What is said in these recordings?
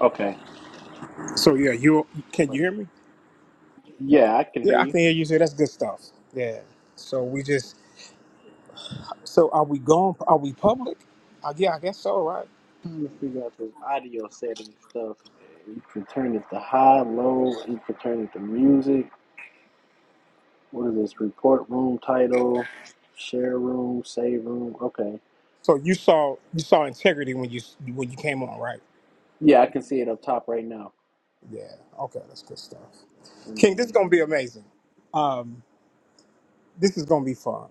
Okay. So yeah, you can you hear me? Yeah, I can hear Yeah, I you. can hear you. Say that's good stuff. Yeah. So we just so are we going? Are we public? Uh, yeah, I guess so. Right. I'm trying to figure out this audio setting stuff. You can turn it to high, low. You can turn it to music. What is this? Report room title, share room, save room. Okay. So you saw you saw integrity when you when you came on, right? Yeah, I can see it up top right now. Yeah. Okay, that's good stuff. And King, this is then gonna be amazing. Um, this is gonna be fun.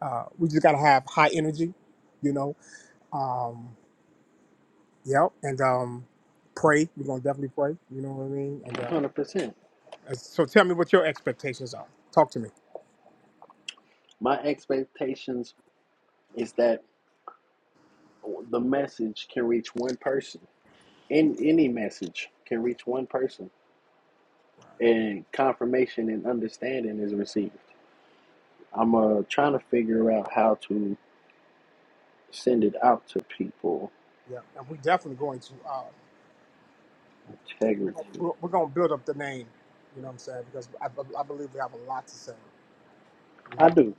Uh, we just gotta have high energy, you know. Um, yep, and um, pray. We're gonna definitely pray. You know what I mean? And uh, 100%. so tell me what your expectations are. Talk to me. My expectations is that the message can reach one person. In any message can reach one person. And confirmation and understanding is received. I'm uh, trying to figure out how to send it out to people. Yeah, and we're definitely going to uh, we're, Integrity. gonna- we're, we're going to build up the name. You know what I'm saying? Because I, I I believe we have a lot to say. You I know, do.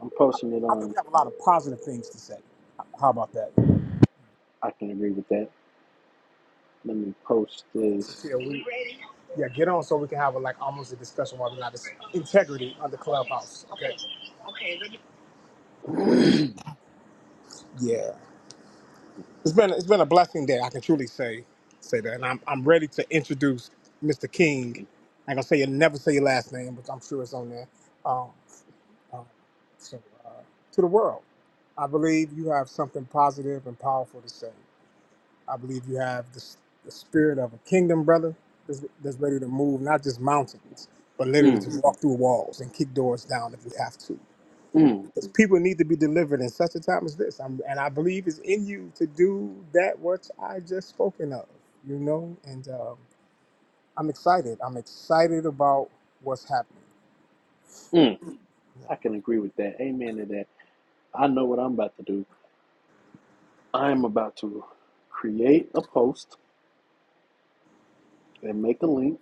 I'm posting it I think on. we have a lot of positive things to say. How about that? I can agree with that. Let me post this. Yeah, we, yeah, get on so we can have a, like almost a discussion whether or not it's integrity on the clubhouse. Okay. Yeah, it's been it's been a blessing that I can truly say say that, and I'm I'm ready to introduce Mr. King. I ain't gonna say you never say your last name, but I'm sure it's on there. Um, so, uh, to the world, I believe you have something positive and powerful to say. I believe you have the, s- the spirit of a kingdom, brother, that's, that's ready to move not just mountains, but literally Mm, to walk through walls and kick doors down if we have to. mm, Because people need to be delivered in such a time as this. I'm, and I believe it's in you to do that which I just spoken of, you know? And um, I'm excited. I'm excited about what's happening. mm. Yeah, I can agree with that. Amen to that. I know what I'm about to do. I'm about to create a post and make a link,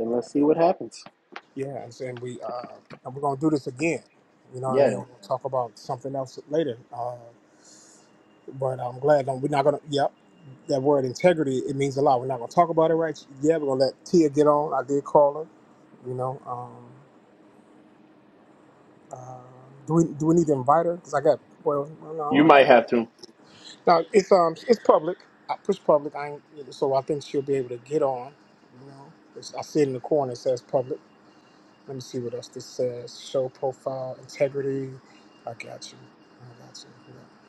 and yeah. let's see what happens. Yes, and we uh, and we're gonna do this again. You know what I mean? Yeah, We'll talk about something else later. Uh, but I'm glad that we're not gonna. Yep, that word integrity it means a lot. We're not gonna talk about it right. Yeah, we're gonna let Tia get on. I did call her. You know, um, uh, do we do we need to invite her? Cause I got well, well no, I don't you have to. might have to. No, it's um it's public. I push public. I ain't, so I think she'll be able to get on. You know, it's, I see it in the corner. It says public. Let me see what else this says. Show profile integrity. I got you. I got you. Yeah.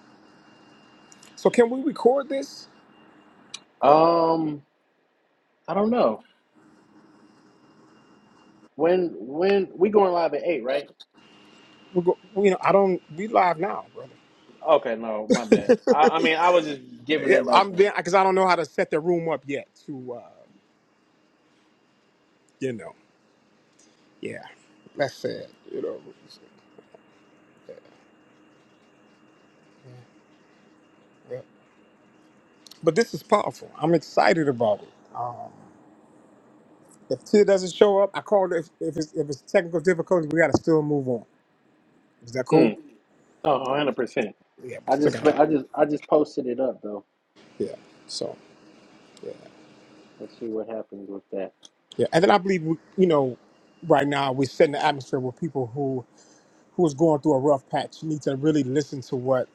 So can we record this? Um, I don't know. When when we going live at eight, right? We go, you know, I don't. We live now, brother. Okay, no, my bad. I, I mean, I was just giving yeah, it like, I'm a, there because I don't know how to set the room up yet. To uh, you know, yeah, that's sad. You know, yeah. but this is powerful. I'm excited about it. Um, if Tia doesn't show up, I called. If if it's, if it's technical difficulties, we gotta still move on. Is that cool? mm, oh, 100%. Yeah, we I still just, gotta. but I just, I just posted it up though. Yeah. So. yeah. Let's see what happens with that. Yeah, and then I believe we- you know, right now we're setting the atmosphere where people who who is going through a rough patch need to really listen to what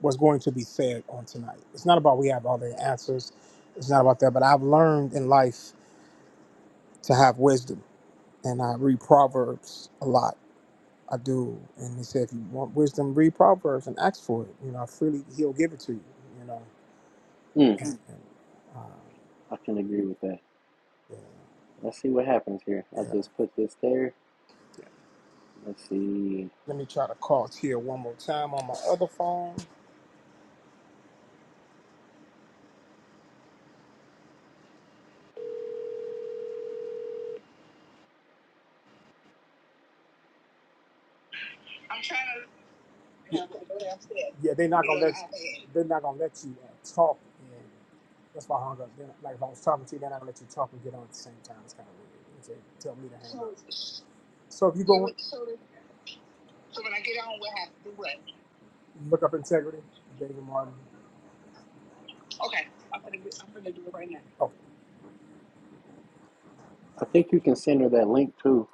was going to be said on tonight. It's not about we have all the answers. It's not about that. But I've learned in life to have wisdom, and I read Proverbs a lot. I do, and they say if you want wisdom, read Proverbs and ask for it. You know, freely He'll give it to you. You know, Mm. and, and, uh, I can agree with that. yeah, Let's see what happens here. I yeah. just put this there. Let's see. Let me try to call Tia one more time on my other phone. yeah, they're not gonna let you, they're not gonna let you uh, talk, and that's why I hung up. They're not, like if I was talking to you, they're not gonna let you talk and get on at the same time. It's kind of weird. They tell me to hang up. So So if you go in, look up integrity, David Martin. Oh, I think you can send her that link too.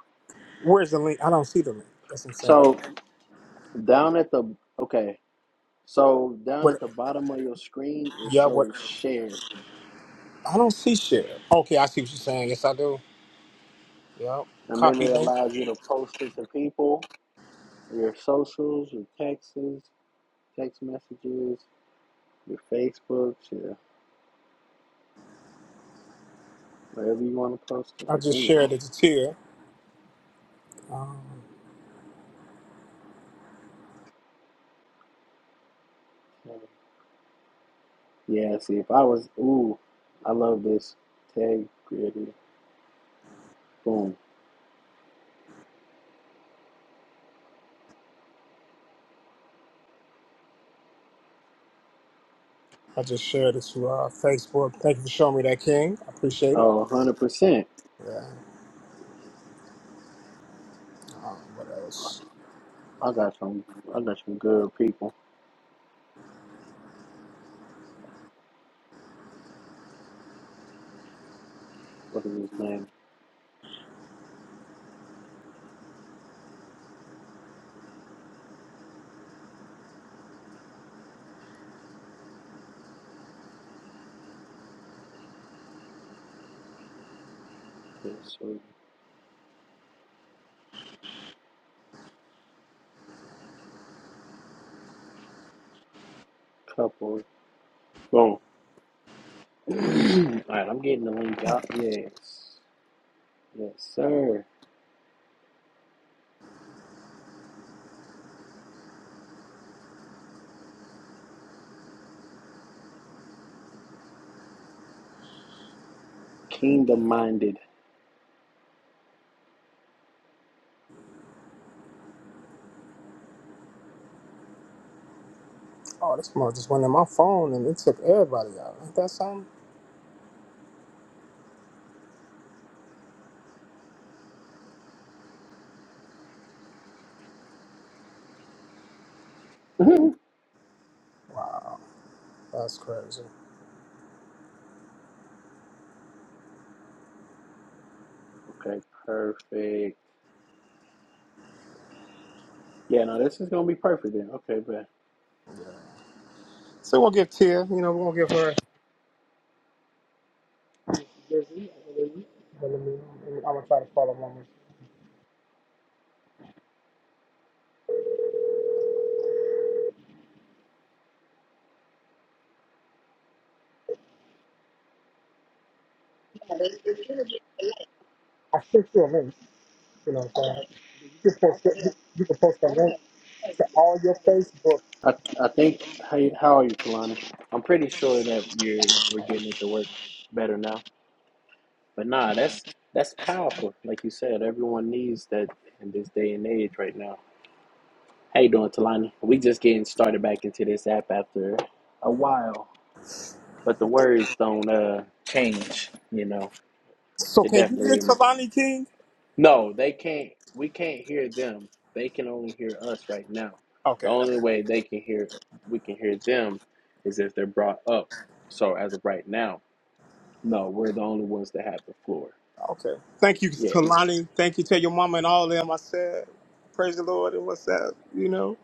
where's the link? I don't see the link. That's what I'm saying. So down at the okay. So down But at the bottom of your screen, it yeah, what? shows share, I don't see share. Okay, I see what you're saying. Yes, I do. Yeah, and then copy it link. allows you to post it to people, your socials, your texts, text messages. your Facebook, your wherever you want to post it. I I just think. shared it to Tia. Um, Yeah, see, if I was, ooh, I love this. Tag gritty. Boom. I just shared it to uh, Facebook. Thank you for showing me that, King. I appreciate it. Oh, 100%. Yeah. Um, what else? I got some, I got some good people. What is his name? It's couple. Boom. Alright, I'm getting the link out. Yes. Yes, sir. Kingdom minded. Oh, this mother just went in my phone and it took everybody out. Ain't that something? Wow, that's crazy. okay, perfect. Yeah, no, this is going to be perfect then. Okay, bet. So we'll give Tia, you know, we're gonna give her. Lizzie, I believe. But let me- let me- I'm gonna try to call her mama. I sent you a link. You know what I'm saying? You can post, it- you can post a link to all your Facebook. I I think. Hey, how are you, Talani? I'm pretty sure that you're we're getting it to work better now. But nah, that's that's powerful. Like you said, everyone needs that in this day and age right now. How you doing, Talani? We just getting started back into this app after a while, but the words don't uh change. You know, So it can you get definitely Talani King? No, they can't. We can't hear them. They can only hear us right now. The Okay, only that's way they can hear, we can hear them, is if they're brought up. So as of right now, no, we're the only ones that have the floor. okay. Thank you, Yeah, Talani. Thank you to your mama and all them. I said, praise the Lord and what's that? You know.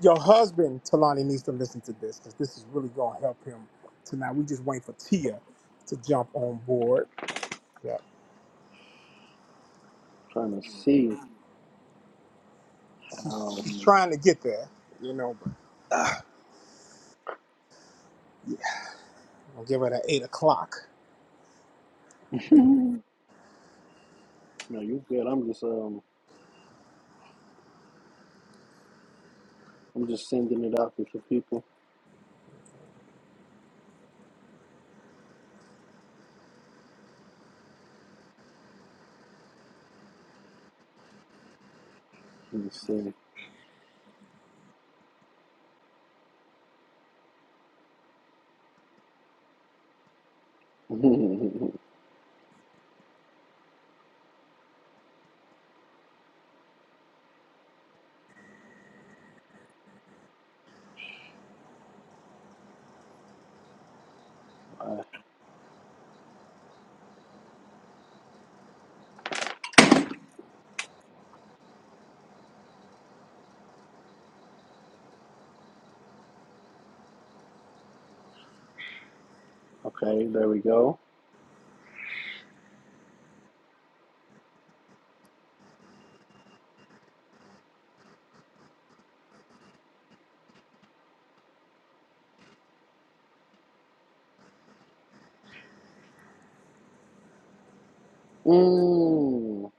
Your husband, Talani, needs to listen to this because this is really going to help him tonight. We just waiting for Tia to jump on board. Yeah. trying to see She's, how. she's trying to get there, you know, but yeah, we'll give her that 8 o'clock. no, you good. I'm just um, I'm just sending it out to the people. Let me see. Uh, okay, there we go. Mm,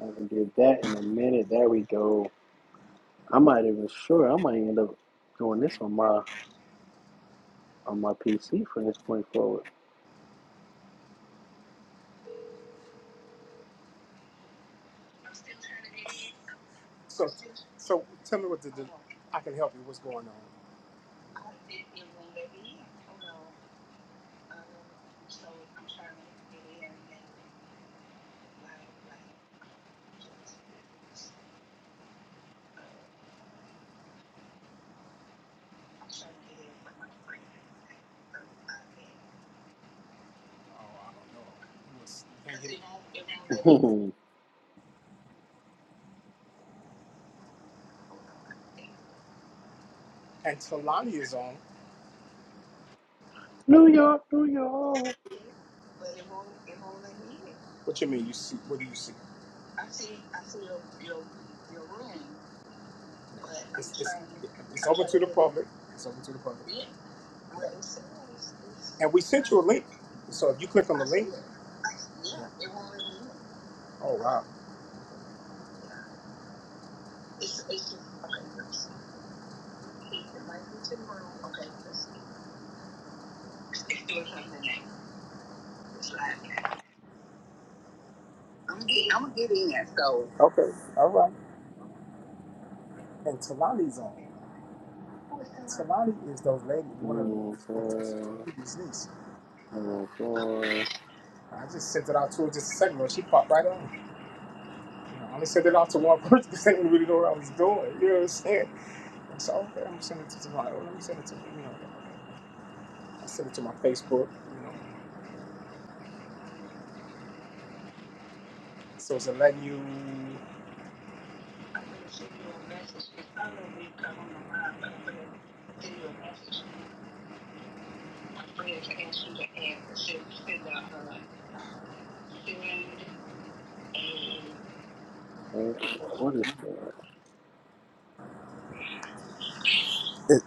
haven't did that in a minute. There we go. I might even sure I might end up doing this on my on my PC from this point forward. So, so tell me what the, the- I can help you. What's going on? Oh, I don't know. It was- and he- and Talani is on. New York, New York. What you mean? You see? What do you see? It's, it's, it's open to the public. It's open to the public. And we sent you a link. So if you click on the link, oh wow. Okay, all right. And Talani's on. Talani is those ladies, One one of one the four, Ruby's niece. one one four. I just sent it out to her just a second ago. She popped right on. You know, I only sent it out to one person because I didn't really know what I was doing. You know what I'm saying? And so okay, I'm gonna send it to Talani. Oh, let me send it to you know. I sent it to my Facebook. You know, so it's letting you. Eight, what is that?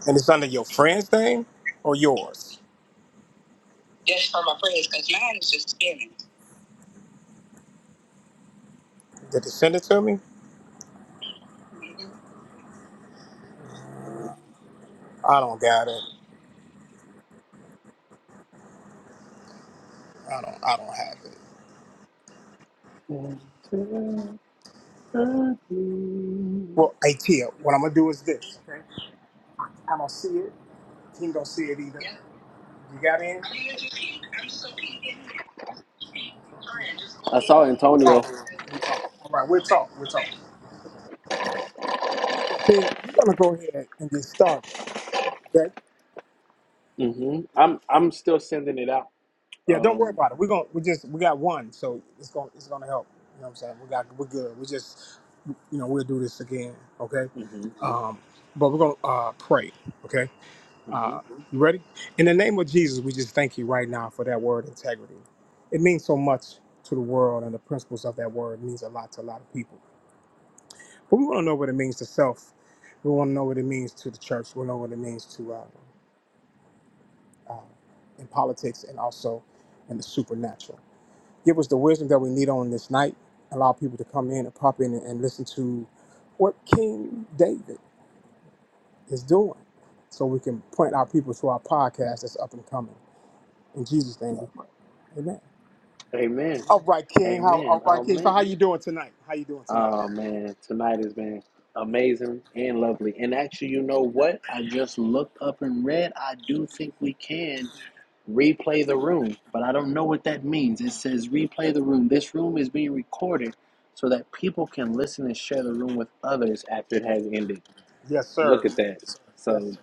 and it's under your friend's name or yours. Did they send it to me? I don't got it. I don't. I don't have it. Well, hey Tia, what I'm gonna do is this. I am gonna see it. He ain't gonna see it either. Yeah. You got in? I saw All Antonio. right. We are. All right. We'll talk. We'll talk. So King, we're gonna go ahead and get started. Okay. hmm I'm Yeah. I'm still sending it out. Yeah, Don't worry Um, about it. We're gonna. We just. We got one, so it's gonna. It's gonna help. You know what I'm saying? We got. We're good. We just. You know. We'll do this again. Okay. hmm Um. But we're gonna uh, pray. okay? hmm Uh, you ready? In the name of Jesus, we just thank you right now for that word integrity. It means so much to the world, and the principles of that word means a lot to a lot of people. But we want to know what it means to self. We want to know what it means to the church. We know what it means to uh, uh, in politics and also in the supernatural. Give us the wisdom that we need on this night. Allow people to come in and pop in and, and listen to what King David is doing, so we can point our people to our podcast that's up and coming. In Jesus' name we pray. Amen. Amen. All right, King. How Amen. all right, King. So Amen. how you doing tonight? How you doing tonight? Oh man, tonight has been amazing and lovely. And actually, you know what? I just looked up and read. I do think we can replay the room, but I don't know what that means. It says replay the room. This room is being recorded so that people can listen and share the room with others after it has ended. Yes, Look sir. at that. Yes, So sir.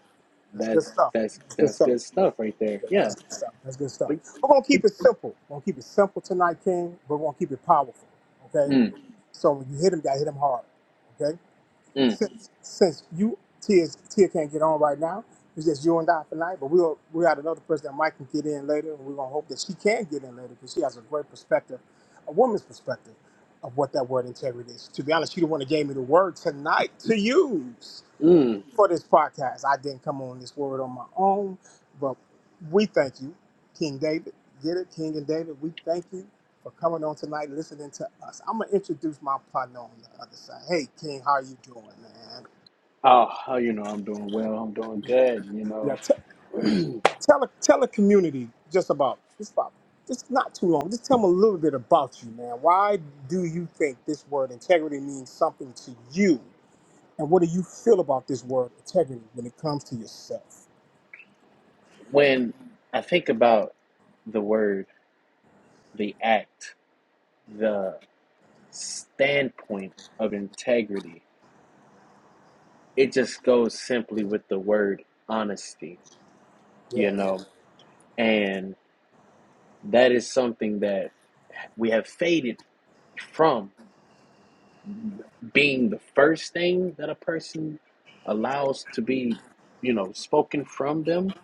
That's good that's stuff. that's That's good that's stuff. good stuff right there. Yeah, Yeah. That's good stuff. That's good stuff. But, We're gonna but keep it simple. We're gonna keep it simple tonight, King, but we're gonna keep it powerful. Okay? mm, So when you hit him, you gotta hit him hard. Okay. mm, since since you Tia Tia can't get on right now, it's just you and I tonight. But we'll we got another person that might can get in later, and we're gonna hope that she can get in later because she has a great perspective, a woman's perspective of what that word integrity is. To be honest, she the one that gave me the word tonight to use mm. for this podcast. I didn't come on this word on my own, but we thank you, King David. Get it, King and David. We thank you for coming on tonight, and listening to us. I'm gonna introduce my partner on the other side. Hey, King, how you doing, man? Oh, you know, I'm doing well. I'm doing good. You Yeah, know, t- tell a tell a community just about this about It's not too long. Just tell them a little bit about you, man. Why do you think this word integrity means something to you? And what do you feel about this word integrity when it comes to yourself? When I think about the word, the act, the standpoint of integrity, it just goes simply with the word honesty, you Yeah. know, and that is something that we have faded from being the first thing that a person allows to be, you know, spoken from them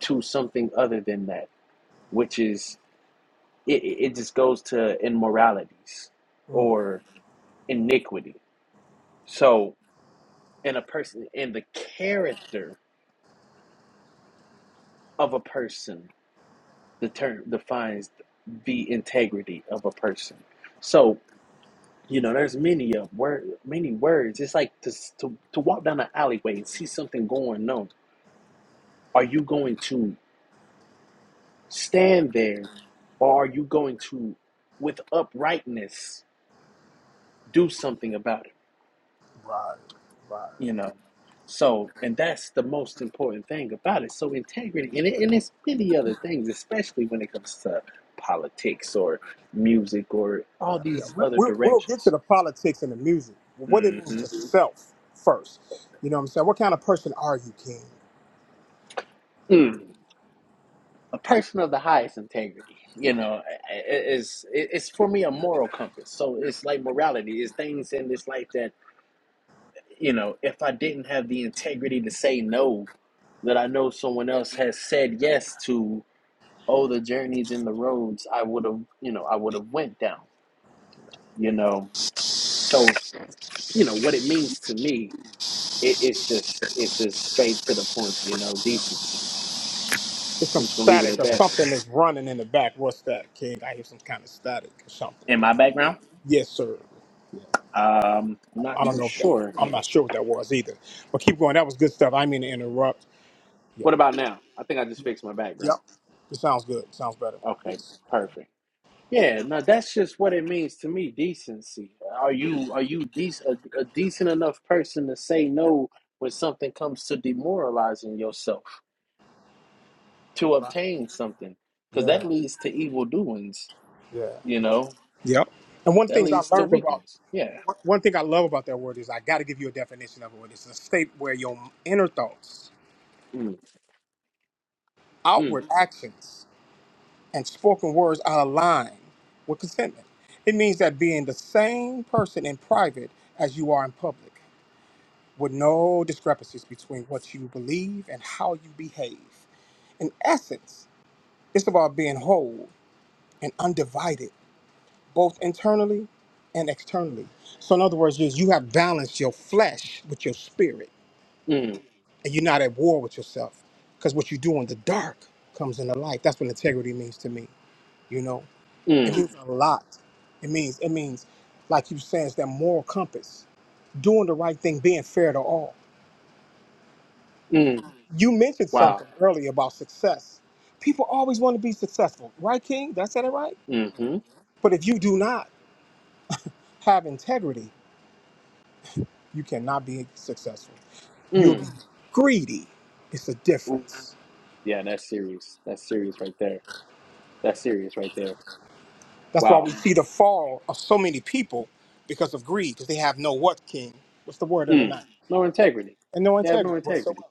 to something other than that, which is it, it just goes to immoralities Mm. or iniquity. So, in a person, in the character of a person, the term defines the integrity of a person. So, you know, there's many of word, many words. It's like to to to walk down an alleyway and see something going on. Are you going to stand there, or are you going to, with uprightness, do something about it? Right, right. you know so and that's the most important thing about it so integrity and, it, and it's many other things especially when it comes to politics or music or Yeah, all yeah. these We, other we, we'll get to directions the politics and the music, but what it hmm means to self first. You know what I'm saying? What kind of person are you, King? mm. a person of the highest integrity you know is it's for me a moral compass so it's like morality it's things in this life that you know if i didn't have the integrity to say no that i know someone else has said yes to oh the journeys and the roads i would have you know i would have went down you know so you know what it means to me it, it's just it's just straight to the point you know decency It's i'm some just gonna leave it static at or that something that's running in the back. What's that, King? I hear some kind of static or something. in my background Yes, sir. um i'm not I don't too know if that, sure I'm not sure what that was either. But keep going. That was good stuff. I didn't mean to interrupt. Yeah, what about now i think i just yeah, fixed my yep. background It sounds good. It sounds better. okay Yes. perfect yeah no that's just what it means to me decency are you are you dec- a, a decent enough person to say no when something comes to demoralizing yourself to Right. obtain something because Yeah, that leads to evil doings yeah. you know Yep. And one of the that things I leads to learned about wickedness yeah One one thing I love about that word is I got to give you a definition of it. It's a state where your inner thoughts, mm, mm, outward actions, and spoken words are aligned with contentment. It means that being the same person in private as you are in public, with no discrepancies between what you believe and how you behave. In essence, it's about being whole and undivided, both internally and externally. So, in other words, is you have balanced your flesh with your spirit mm, and you're not at war with yourself. Because what you do in the dark comes into light. That's what integrity means to me. You know, it mm, means a lot. It means it means, like you were saying, it's that moral compass, doing the right thing, being fair to all. mm. You mentioned wow something earlier about success. People always want to be successful, right, King? Did I say that right? mm-hmm But if you do not have integrity, you cannot be successful. You'll be mm. greedy. It's a Ooh. difference. yeah that's serious that's serious right there that's serious right there That's why wow we see the fall of so many people because of greed, because they have no what king. What's the word of the mm. night? no integrity And no they have no integrity whatsoever. integrity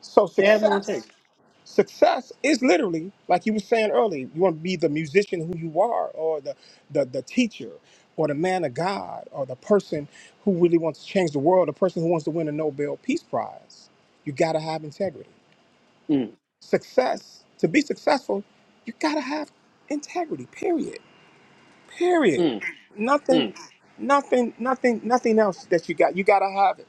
So they have no success, integrity success is literally, like you were saying earlier, you want to be the musician who you are, or the the, the teacher, or the man of God, or the person who really wants to change the world, the person who wants to win a Nobel Peace Prize. You gotta have integrity. mm, Success, to be successful, you gotta have integrity, period. Period. mm, Nothing, mm. nothing, nothing, nothing else that you got. You gotta have it.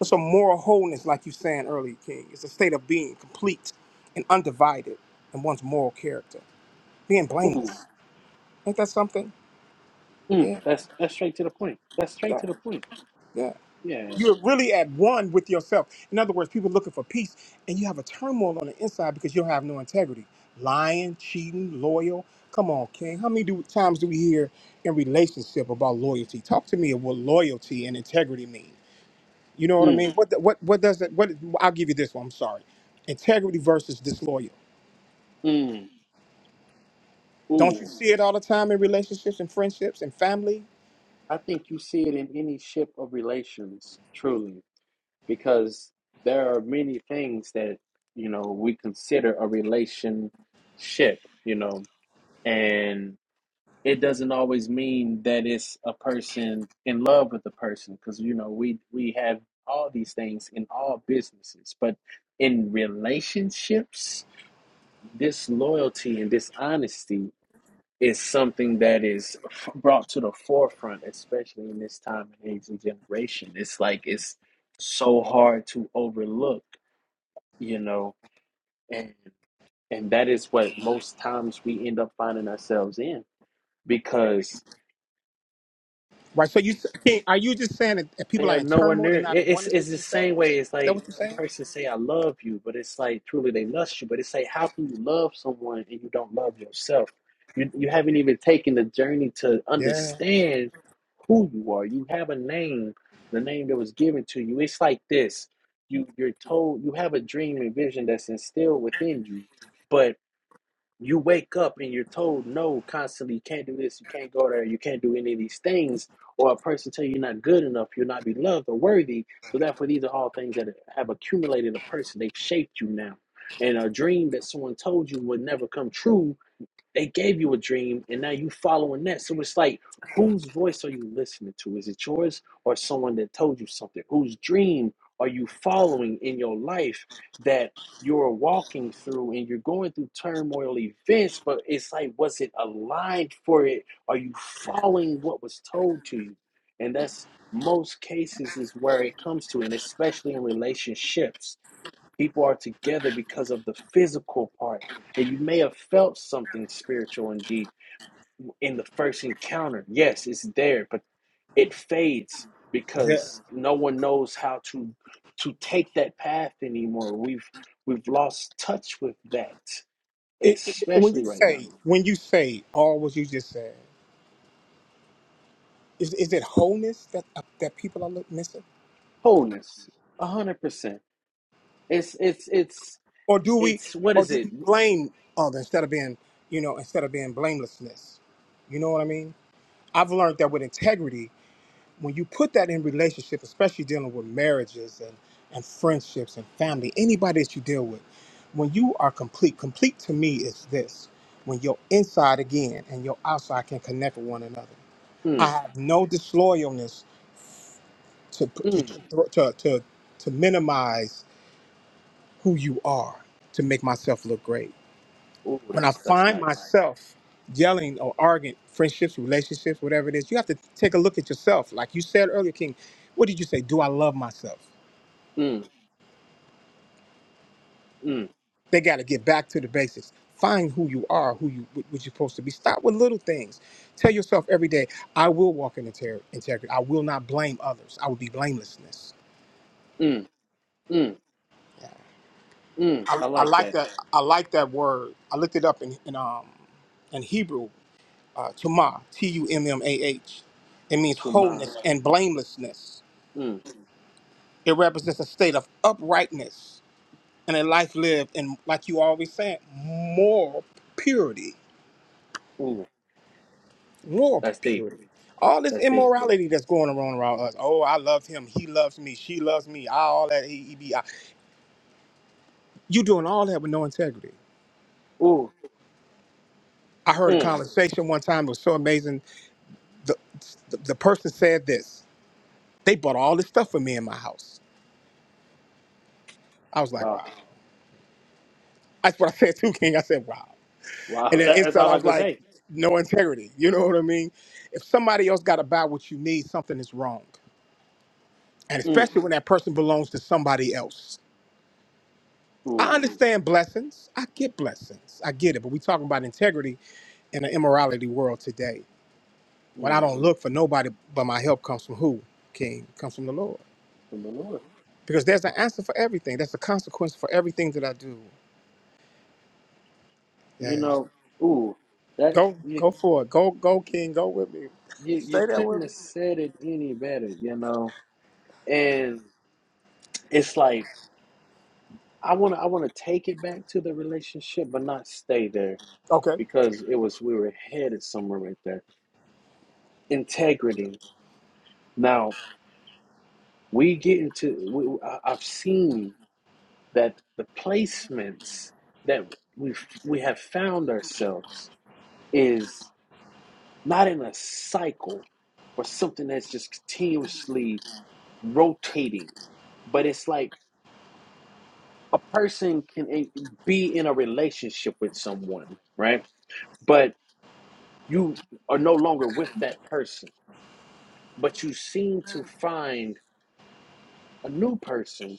It's a moral wholeness, like you saying earlier, King. It's a state of being complete and undivided in one's moral character, being Ooh. blameless. Ain't that something? Mm. Yeah, that's that's straight to the point that's straight yeah, to the point yeah. yeah You're really at one with yourself. In other words, people looking for peace, and you have a turmoil on the inside because you don't have no integrity. Lying, cheating, loyal. Come on, King. How many do, times do we hear in relationship about loyalty? Talk to me of what loyalty and integrity mean. You know what I mm, mean? What the- what what does that? What I'll give you this one. I'm sorry. Integrity versus disloyal. mm. Don't Ooh. you see it all the time in relationships and friendships and family? I think you see it in any ship of relations, truly, because there are many things that, you know, we consider a relationship, you know, and it doesn't always mean that it's a person in love with a person because, you know, we we have all these things in all businesses, but in relationships, disloyalty and dishonesty is something that is f- brought to the forefront, especially in this time and age and generation. It's like it's so hard to overlook, you know, and and that is what most times we end up finding ourselves in because. Right. So you King, are you just saying that people They are are in nowhere turmoil? near. They're not in It, it's oneness it's with the same themselves. way. It's Is that like what you're saying? a person say, "I love you," but it's like truly they lust you. But it's like, how can you love someone and you don't love yourself? You you haven't even taken the journey to Yeah. understand who you are. You have a name, the name that was given to you. It's like this. You you're told you have a dream and vision that's instilled within you, but you wake up and you're told no constantly you can't do this you can't go there you can't do any of these things or a person tell you you're not good enough you're not beloved or worthy so therefore these are all things that have accumulated a person they've shaped you now and a dream that someone told you would never come true they gave you a dream and now you following that. So it's like, whose voice are you listening to? Is it yours or someone that told you something? Whose dream are you following in your life that you're walking through and you're going through turmoil events, but it's like, was it aligned for it? Are you following what was told to you? And that's most cases is where it comes to, and especially in relationships People are together because of the physical part. And you may have felt something spiritual and deep in the first encounter. Yes, it's there, but it fades Yeah. because no one knows how to to take that path anymore. We've we've lost touch with that, It, it- when you especially right now. say when you say all what you just said, is is it wholeness that uh, that people are look- missing, Wholeness, a hundred percent. It's it's it's or do we it's what or is do it? we blame others instead of being you know instead of being blamelessness? You know what I mean? I've learned that with integrity, when you put that in relationship, especially dealing with marriages and and friendships and family, anybody that you deal with, when you are complete, complete to me is this: when your inside again and your outside can connect with one another. I Mm, have no disloyalness to to mm. to to, to, to minimize who you are to make myself look great. Oh, When I that's that's find nice. myself yelling or arguing, friendships, relationships, whatever it is, you have to take a look at yourself. Like you said earlier, King, what did you say? Do I love myself? Mm, mm, They got to get back to the basics. Find who you are, who you what you're supposed to be. Start with little things. Tell yourself every day, I will walk in inter- integrity. I will not blame others. I will be blamelessness mm, mm, mm. I, I I like like that. that. I like that word. I looked it up in, in um in Hebrew, uh, tumah, T U M M A H. It means To my wholeness and blamelessness. Mm. It represents a state of uprightness and a life lived in, like you always saying, moral purity. Ooh, Moral that's deep. purity. All this That's deep. immorality that's going around around us. Oh, I love him. He loves me. She loves me. I all that. He, he be. I. You doing all that with no integrity. Ooh. I heard a Mm. conversation one time. It was so amazing the, the the person said this. They bought all this stuff for me in my house. I was like, Wow. wow. That's what I said too, King. I said, wow. And Wow. then That, that's inside, all I I was could like, say. no integrity. You know what I mean? If somebody else got to buy what you need, something is wrong. And Mm. especially when that person belongs to somebody else. I Ooh. understand blessings. I get blessings. I get it. But we talking about integrity in an immorality world today. When I Mm. don't look for nobody, but my help comes from who? King comes from the Lord. From the Lord. Because there's an answer for everything. There's a consequence for everything that I do. You Yeah. know. Ooh. That Go you go for it. Go go King. Go with me. you you Stay there couldn't with me. have said it any better. You know. And it's like I want to I want to take it back to the relationship, but not stay there Okay. because it was we were headed somewhere right there. Integrity. Now we get into. We, I- I've seen. that the placements that we we have found ourselves is not in a cycle or something that's just continuously rotating, but it's like a person can eh, be in a relationship with someone, right? But you are no longer with that person, but you seem to find a new person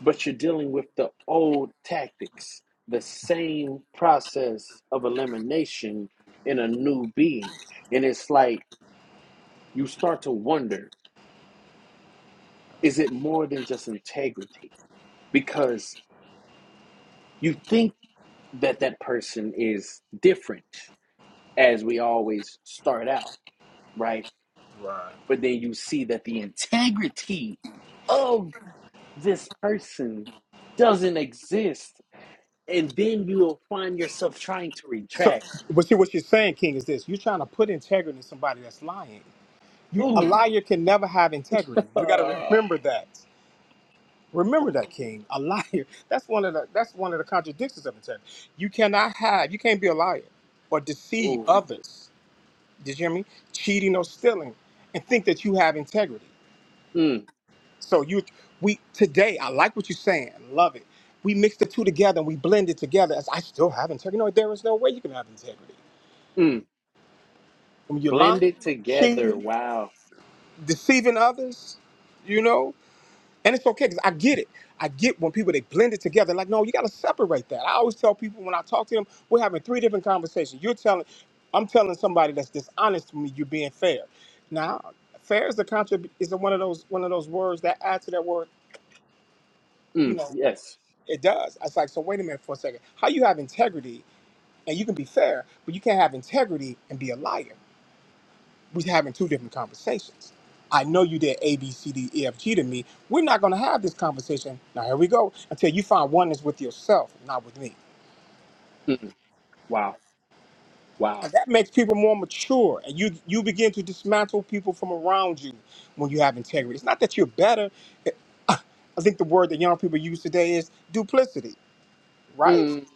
but you're dealing with the old tactics, the same process of elimination in a new being. And it's like you start to wonder is it more than just integrity? Because you think that that person is different, as we always start out, right? Right. But then you see that the integrity of this person doesn't exist. And then you'll find yourself trying to So retract. but see what you're saying, King, is this. You're trying to put integrity in somebody that's lying. You a Ooh, liar can never have integrity. We gotta Uh, remember that. Remember that, oh, King. A liar. That's one of the that's one of the contradictions of integrity. You cannot have, you can't be a liar or deceive ooh, others. Did you hear me? Cheating or stealing and think that you have integrity. mm, So you, we today, I like what you're saying, love it. We mixed the two together and we blended together. As I still have integrity. No, there is no way you can have integrity mm. when you're lying, Blend it together. cheating, Wow. deceiving others. You know, and it's okay because I get it. I get when people they blend it together. Like, no, you got to separate that. I always tell people when I talk to them, we're having three different conversations. You're telling, I'm telling somebody that's dishonest to me, you're being fair. Now, fair is the contra is one of those one of those words that add to that word. You Mm, know, yes. It does. It's like, so wait a minute for a second. How you have integrity and you can be fair, but you can't have integrity and be a liar. We're having two different conversations. I know you did A, B, C, D, E, F, G to me. We're not going to have this conversation. Now, here we go until you find oneness with yourself, not with me. Mm, wow. Wow. And that makes people more mature, and you you begin to dismantle people from around you when you have integrity. It's not that you're better. I think the word that young people use today is duplicity, right? Mm,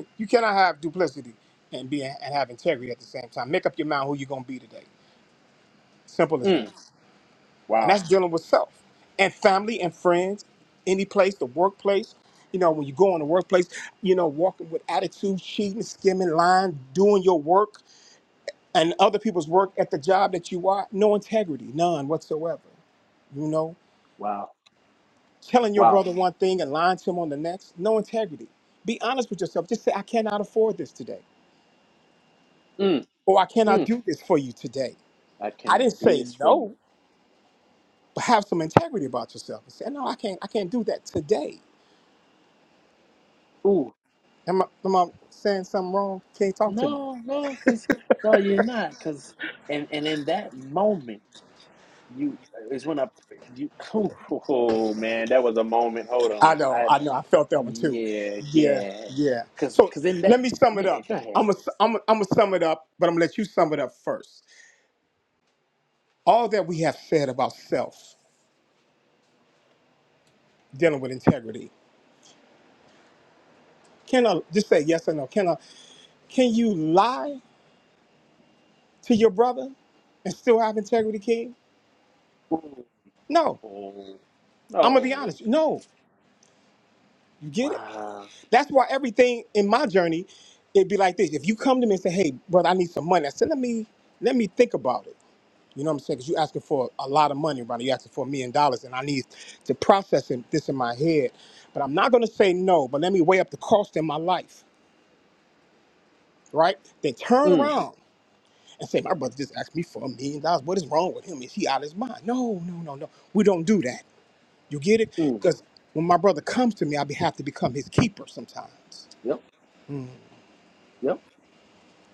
You cannot have duplicity and be and have integrity at the same time. Make up your mind who you're gonna be today. Simple as that. mm. And Wow. that's dealing with self and family and friends, any place, the workplace. You know, when you go in the workplace, you know, walking with attitude, cheating, skimming, lying, doing your work and other people's work at the job that you are, no integrity, none whatsoever. You know, Wow. telling your Wow. brother one thing and lying to him on the next, no integrity. Be honest with yourself. Just say, I cannot afford this today, Mm, or I cannot mm. do this for you today I I can didn't do say this for you. no, but have some integrity about yourself and say, no, I can't, I can't do that today. Ooh, Am I, am I saying something wrong? Can not talk to me? no, no, because no, you're not. Because and and in that moment, you is when I you. Oh man, that was a moment. Hold I on. I know, had I to- know, I felt that one too. yeah Yeah, yeah. yeah. Because So because in let that me sum it yeah. up. Go ahead. I'm gonna, I'm gonna, I'm gonna sum it up, but I'm gonna let you sum it up first. All that we have said about self dealing with integrity. Can I just say yes or no? Can I? Can you lie to your brother and still have integrity, King? Ooh, No. no, I'm gonna be no, honest. No. You get it? wow. That's why everything in my journey, it'd be like this. If you come to me and say, "Hey, brother, I need some money," I said, "Let me let me think about it." You know what I'm saying? Because you're asking for a lot of money, brother. You're asking for a million dollars, and I need to process it, this in my head. But I'm not going to say no. But let me weigh up the cost in my life, right? Then turn Mm, around and say, "My brother just asked me for a million dollars. What is wrong with him? Is he out of his mind?" No, no, no, no. We don't do that. You get it? mm, Because when my brother comes to me, I be have to become his keeper sometimes. yep, yep.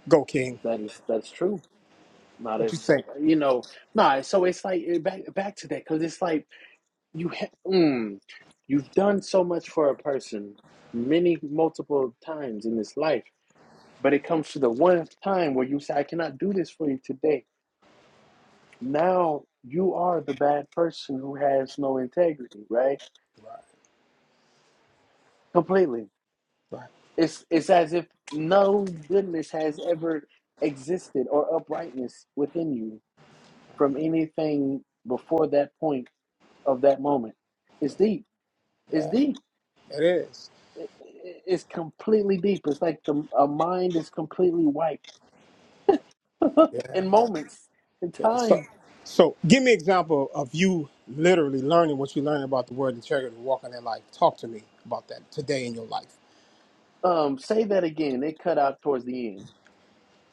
Go, King. That is that's true. Not What as you so, think? you know. Nah, so it's like eh, back back to that because it's like you ha- mm, you've done so much for a person many multiple times in this life, but it comes to the one time where you say, "I cannot do this for you today." Now you are the bad person who has no integrity, right? Completely Right. It's it's as if no goodness has ever existed or uprightness within you from anything before that point of that moment. It's deep. It's Yeah, deep. it is. It- it- It's completely deep. It's like the a mind is completely wiped Yeah, in yeah. moments in yeah. So, time. so give me an example of you literally learning what you learned about the word integrity, walking that life. Talk to me about that today in your life. Um, say that again. It cut out towards the end.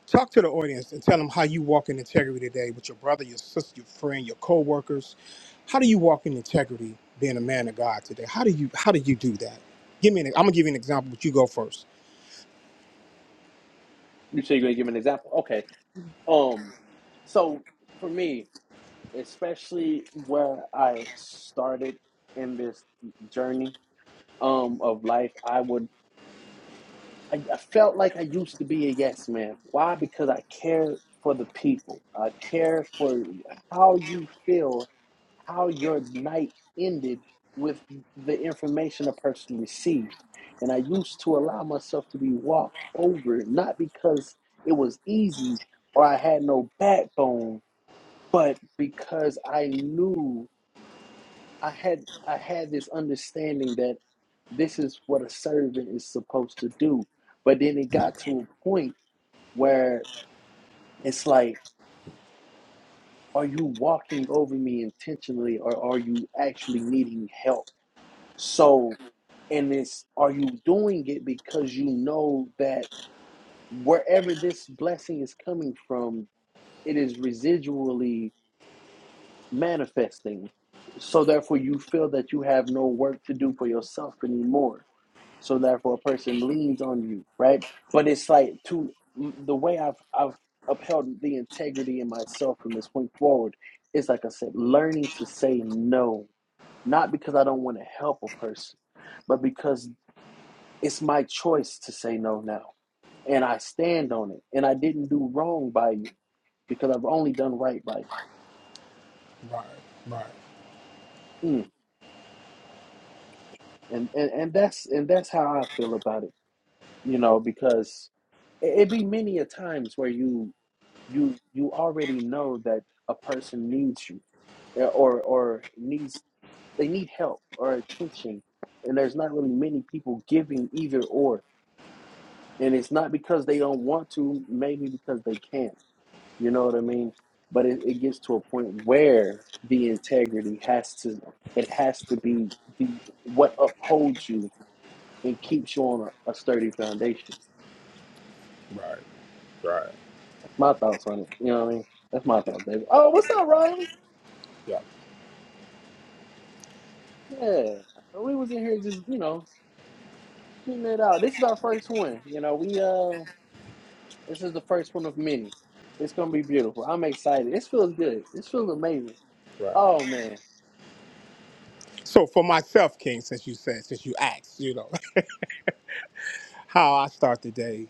Talk to the audience and tell them how you walk in integrity today with your brother, your sister, your friend, your coworkers. How do you walk in integrity, being a man of God today? How do you how do you do that? Give me an. I'm gonna give you an example, but you go first. You say you're gonna give an example. Okay. Um, so for me, especially where I started in this journey um of life, I would I, I felt like I used to be a yes man. Why? Because I cared for the people. I cared for how you feel, how your night ended with the information a person received. And I used to allow myself to be walked over, not because it was easy or I had no backbone, but because I knew I had I had this understanding that this is what a servant is supposed to do. But then it got to a point where it's like, are you walking over me intentionally or are you actually needing help? So, and it's, are you doing it because you know that wherever this blessing is coming from, it is residually manifesting. So therefore, you feel that you have no work to do for yourself anymore. So therefore, a person leans on you, right? But it's like to the way I've I've upheld the integrity in myself from this point forward is like I said, learning to say no, not because I don't want to help a person, but because it's my choice to say no now, and I stand on it, and I didn't do wrong by you because I've only done right by you. Right, right, Mm. and and, and that's and that's how I feel about it, you know, because it, it be many a times where you you you already know that a person needs you, uh, or or needs they need help or attention, and there's not really many people giving either or, and it's not because they don't want to, maybe because they can't, you know what I mean? But it, it gets to a point where the integrity has to it has to be the what upholds you and keep showing a, a sturdy foundation. right, right. That's my thoughts on it. You know what I mean? That's my thoughts, David. Oh, what's up, Riley? Yeah, Yeah, we was in here just you know getting it out. This is our first one. You know, we uh, this is the first one of many. It's gonna be beautiful. I'm excited. This feels good. This feels amazing. right. Oh man. So for myself, King, since you said, since you asked, you know, how I start the day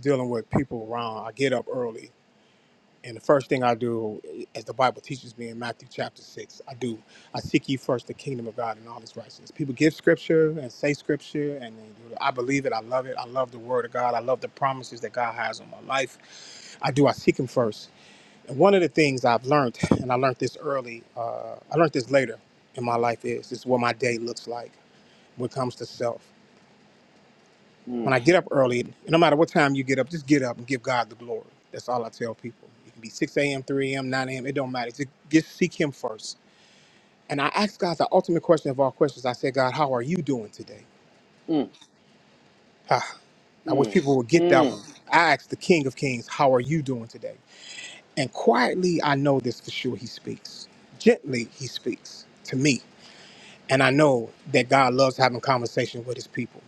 dealing with people around. I get up early, and the first thing I do, as the Bible teaches me in Matthew chapter six, I do I seek ye first the kingdom of God and all His righteousness. People give scripture and say scripture, and they do it. I believe it. I love it. I love the Word of God. I love the promises that God has on my life. I do. I seek Him first. And one of the things I've learned, and I learned this early, uh, I learned this later in my life, is this is what my day looks like when it comes to self. When Mm, I get up early, and no matter what time you get up, just get up and give God the glory. That's all I tell people. It can be 6 a.m., 3 a.m., 9 a.m. It don't matter. Just, just seek Him first. And I asked God the ultimate question of all questions. I said, God, how are you doing today? mm, Ah, I wish mm, people would get that one. mm, I asked the King of Kings, how are you doing today? And quietly, I know this for sure, He speaks. Gently, He speaks to me. And I know that God loves having conversation with His people.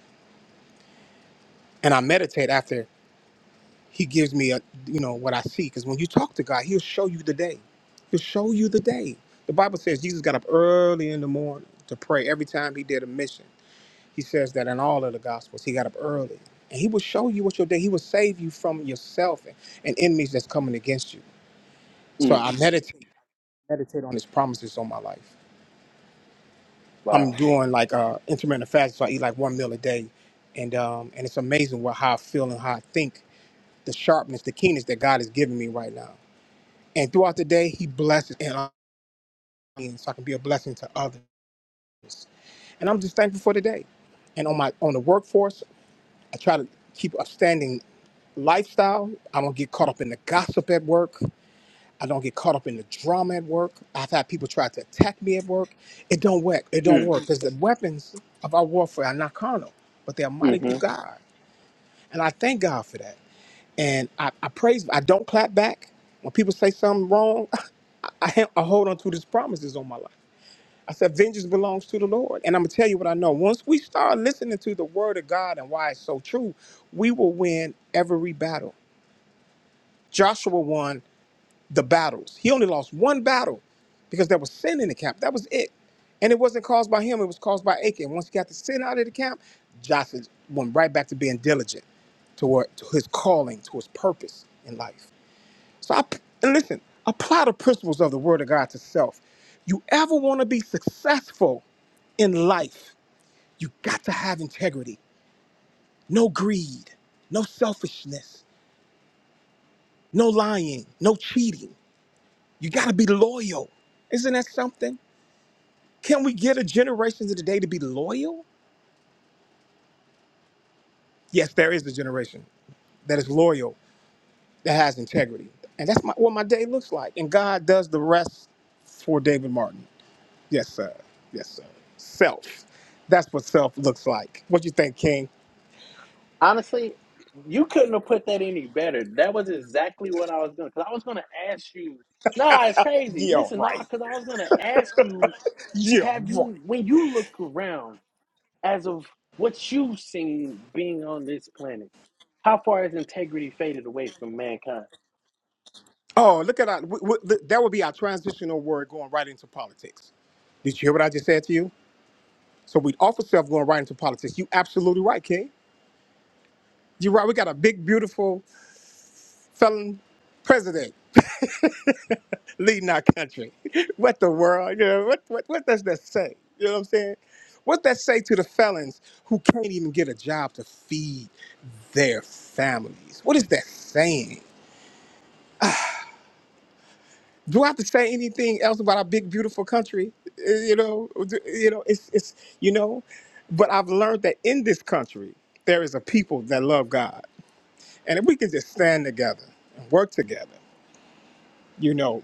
And I meditate after he gives me a you know what I see because when you talk to God, He'll show you the day. He'll show you the day. The Bible says Jesus got up early in the morning to pray. Every time he did a mission, he says that in all of the Gospels, he got up early and he will show you what your day. He will save you from yourself and, and enemies that's coming against you. So mm. I meditate, I meditate on His promises on my life. I'm Wow. doing like uh, intermittent fasting, so I eat like one meal a day, and um, and it's amazing what how I feel and how I think, the sharpness, the keenness that God is giving me right now. And throughout the day, He blesses and I mean, so I can be a blessing to others. And I'm just thankful for today. And on my on the workforce, I try to keep a standing lifestyle. I don't get caught up in the gossip at work. I don't get caught up in the drama at work. I've had people try to attack me at work. It don't work. It don't Mm, work because the weapons of our warfare are not carnal, but they are mighty hmm through God. And I thank God for that. And I, I praise. I don't clap back when people say something wrong. I, I, I hold on to these promises on my life. I said, vengeance belongs to the Lord. And I'm going to tell you what I know. Once we start listening to the word of God and why it's so true, we will win every battle. Joshua won the battles. He only lost one battle because there was sin in the camp. That was it. And it wasn't caused by him, it was caused by Achan. Once he got the sin out of the camp, Joshua went right back to being diligent toward to his calling, to his purpose in life. So I, and listen, apply the principles of the Word of God to self. You ever want to be successful in life, you got to have integrity. No greed, no selfishness, no lying, no cheating. You got to be loyal. Isn't that something? Can we get a generation of today to be loyal? Yes, there is a generation that is loyal, that has integrity. And that's my, what my day looks like. And God does the rest for David Martin. Yes, sir. Yes, sir. Self. That's what self looks like. What you think, King? Honestly, you couldn't have put that any better. That was exactly what I was gonna. Cause I was gonna ask you. Nah, it's crazy. Yeah, Listen, nah, right. cause I was gonna ask you. Yeah, Have right. you, when you look around, as of what you've seen being on this planet, how far has integrity faded away from mankind? Oh, look at our, w- w- th- that would be our transitional word going right into politics. Did you hear what I just said to you? So we'd offer self going right into politics. You absolutely right, King. You're right. We got a big, beautiful felon president. leading our country. What the world? You know, what, what, what does that say? You know what I'm saying? What that say to the felons who can't even get a job to feed their families? What is that saying? Do I have to say anything else about our big, beautiful country? Uh, You know, do- you know, it's, it's, you know, but I've learned that in this country there is a people that love God, and if we can just stand together and work together, you know.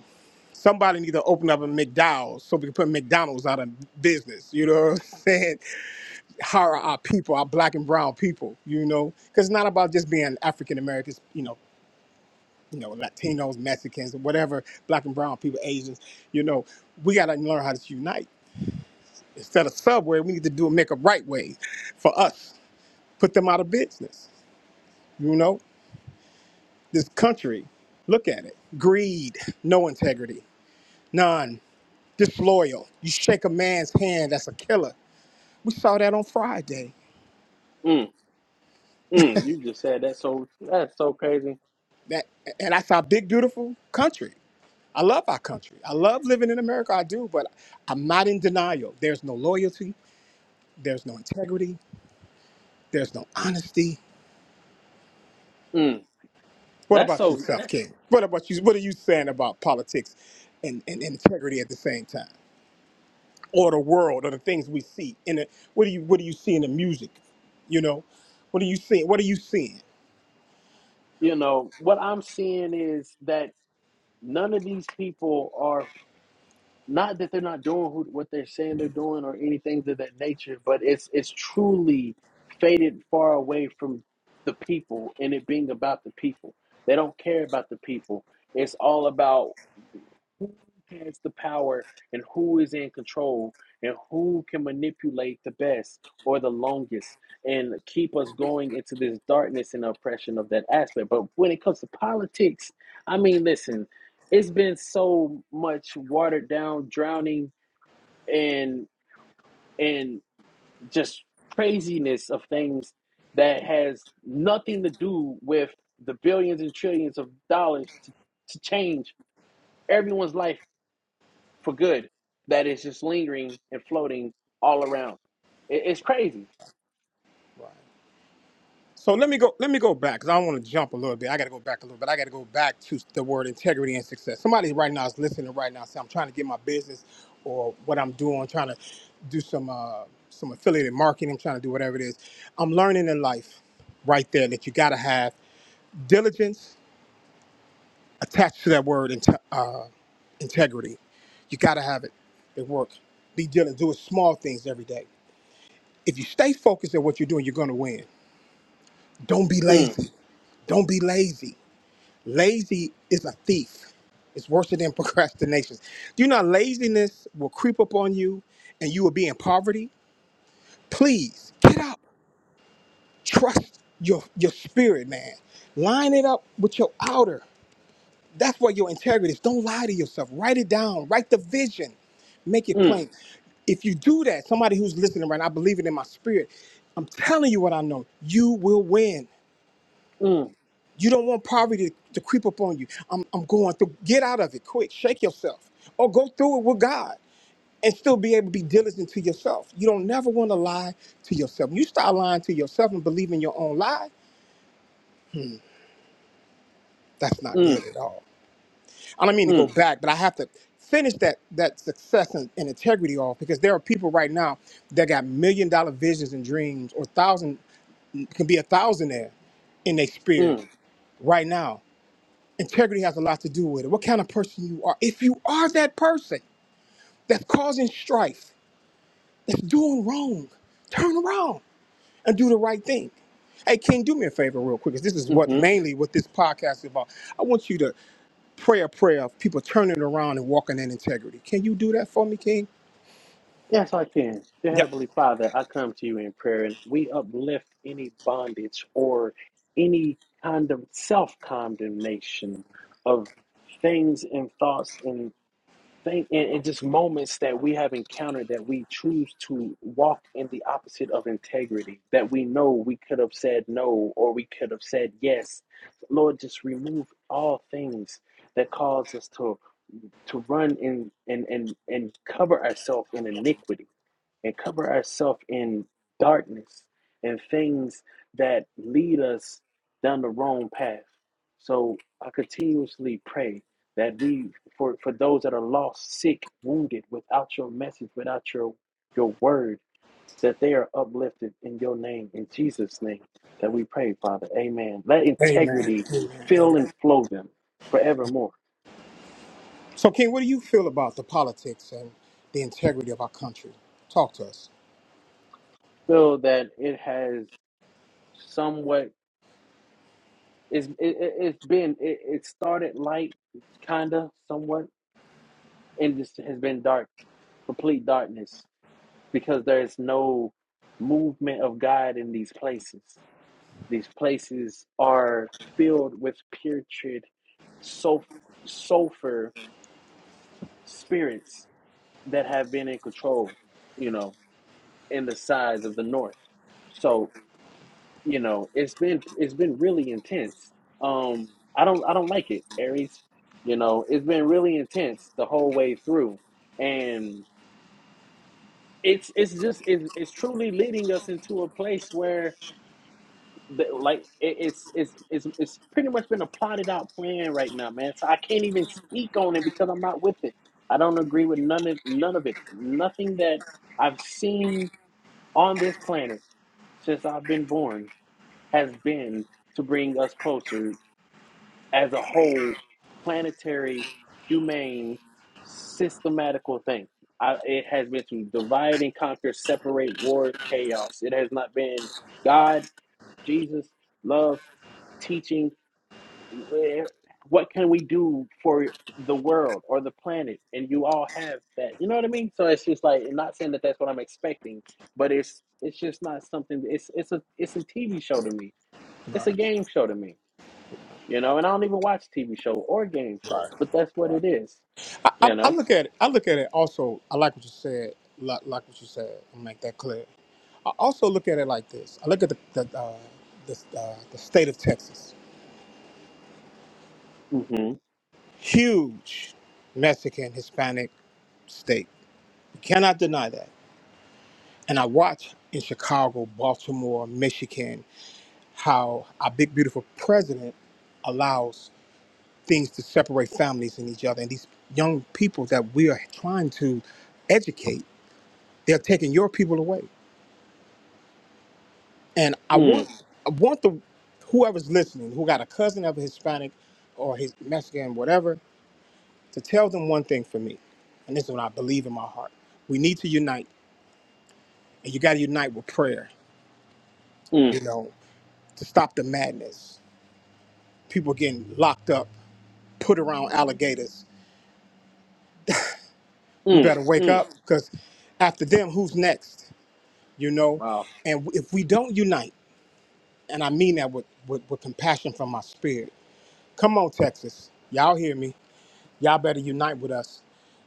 Somebody need to open up a McDowell's so we can put McDonald's out of business. You know what I'm saying? Hire our people, our black and brown people. You know, because it's not about just being African Americans. You know, you know, Latinos, Mexicans, whatever, black and brown people, Asians. You know, we gotta learn how to unite. Instead of subway, we need to do a make a right way for us. Put them out of business. You know, this country. Look at it. Greed, no integrity, none. Disloyal. You shake a man's hand, that's a killer We saw that on Friday. Mm, mm, you just said that, so. That's so crazy. That and that's our big beautiful country. I love our country. I love living in America. I do, but I'm not in denial. There's no loyalty. There's no integrity. There's no honesty. Mm, What that's about so. yourself, That's King? What about you? What are you saying about politics and, and integrity at the same time, or the world, or the things we see? In the, what do you What do you see in the music? You know, what are you seeing? What are you seeing? you know what I'm seeing is that none of these people are. not that they're not doing who, what they're saying they're doing or anything of that nature, but it's it's truly faded far away from the people and it being about the people. They don't care about the people. It's all about who has the power and who is in control and who can manipulate the best or the longest and keep us going into this darkness and oppression of that aspect. But when it comes to politics, I mean, listen it's been so much watered down drowning and and just craziness of things that has nothing to do with the billions and trillions of dollars to, to change everyone's life for good that is just lingering and floating all around It- it's crazy So let me go. Let me go back because I want to jump a little bit. I got to go back a little bit. I got to go back to the word integrity and success. Somebody right now is listening right now. Say I'm trying to get my business or what I'm doing, trying to do some uh, some affiliated marketing. I'm trying to do whatever it is. I'm learning in life right there that you got to have diligence attached to that word inte- uh, integrity. You got to have it. at work. Be diligent. Do small things every day. If you stay focused at what you're doing, you're going to win. Don't be mm, lazy. Don't be lazy Lazy is a thief. It's worse than procrastination. Do you know laziness will creep up on you and you will be in poverty? Please get up. Trust your your spirit, man. Line it up with your outer. That's where your integrity is. Don't lie to yourself. Write it down. Write the vision. Make it mm, plain. If you do that, somebody who's listening right now, I believe it in my spirit. I'm telling you what I know. You will win. mm, You don't want poverty to, to creep up on you. I'm, I'm going through. Get out of it quick. Shake yourself. Or go through it with God and still be able to be diligent to yourself. You don't never want to lie to yourself. you start lying to yourself and believing your own lie, that's not good mm, at all. I don't mean to go mm, back, but I have to finish that that success and, and integrity off because there are people right now that got million dollar visions and dreams or thousand can be a thousandaire in their spirit mm, right now Integrity has a lot to do with it. What kind of person you are. If you are that person that's causing strife, that's doing wrong, turn around and do the right thing. Hey, King, do me a favor real quick, 'cause this is mm-hmm. what mainly what this podcast is about. I want you to pray a prayer of people turning around and walking in integrity. Can you do that for me, King? Yes, I can. Dear Yep. Heavenly Father, I come to you in prayer and we uplift any bondage or any kind of self condemnation of things and thoughts and thing and, and just moments that we have encountered that we choose to walk in the opposite of integrity, that we know we could have said no or we could have said yes. Lord, just remove all things that cause us to to run and and and, and cover ourselves in iniquity and cover ourselves in darkness and things that lead us down the wrong path. So I continuously pray that we for, for those that are lost, sick, wounded, without your message, without your your word, that they are uplifted in your name, in Jesus' name, that we pray, Father. Amen. Let Amen. integrity Amen. fill Amen. and flow them forevermore. So, King, what do you feel about the politics and the integrity of our country? Talk to us. Feel that it has somewhat It's it, it- it's been it, it started light, kinda, somewhat, and just has been dark, complete darkness, because there is no movement of God in these places. These places are filled with putrid sulf- sulfur spirits that have been in control, you know, in the sides of the north. So you know it's been it's been really intense um i don't i don't like it aries you know it's been really intense the whole way through and it's it's just it's, it's truly leading us into a place where the, like it, it's it's it's it's pretty much been a plotted out plan right now man so i can't even speak on it because i'm not with it i don't agree with none of none of it nothing that i've seen on this planet since i've been born has been to bring us closer as a whole planetary humane systematical thing I, it has been to divide and conquer separate war chaos it has not been god jesus love teaching what can we do for the world or the planet and you all have that you know what i mean so it's just like I'm not saying that that's what i'm expecting but it's it's just not something it's it's a it's a tv show to me it's a Right. game show to me you know, and I don't even watch TV show or game shows, but that's what Right. it is, I, I, you I know. look at it. I look at it also. I like what you said. Like, like what you said. I make that clear. I also look at it like this. I look at the the, uh, the, uh, the state of Texas. Mm-hmm. Huge Mexican Hispanic state. You cannot deny that. And I watch in Chicago, Baltimore, Michigan, how our big beautiful president allows things to separate families and each other. And these young people that we are trying to educate, they're taking your people away. And I want Mm, I want the whoever's listening, who got a cousin of a Hispanic or his Mexican, whatever, to tell them one thing for me. And this is what I believe in my heart. We need to unite. And you gotta unite with prayer, mm, you know, to stop the madness. People getting locked up, put around alligators. We mm, better wake mm. up because after them, who's next? You know? Wow. And if we don't unite, and I mean that with, with, with compassion from my spirit, come on, Texas. Y'all hear me Y'all better unite with us.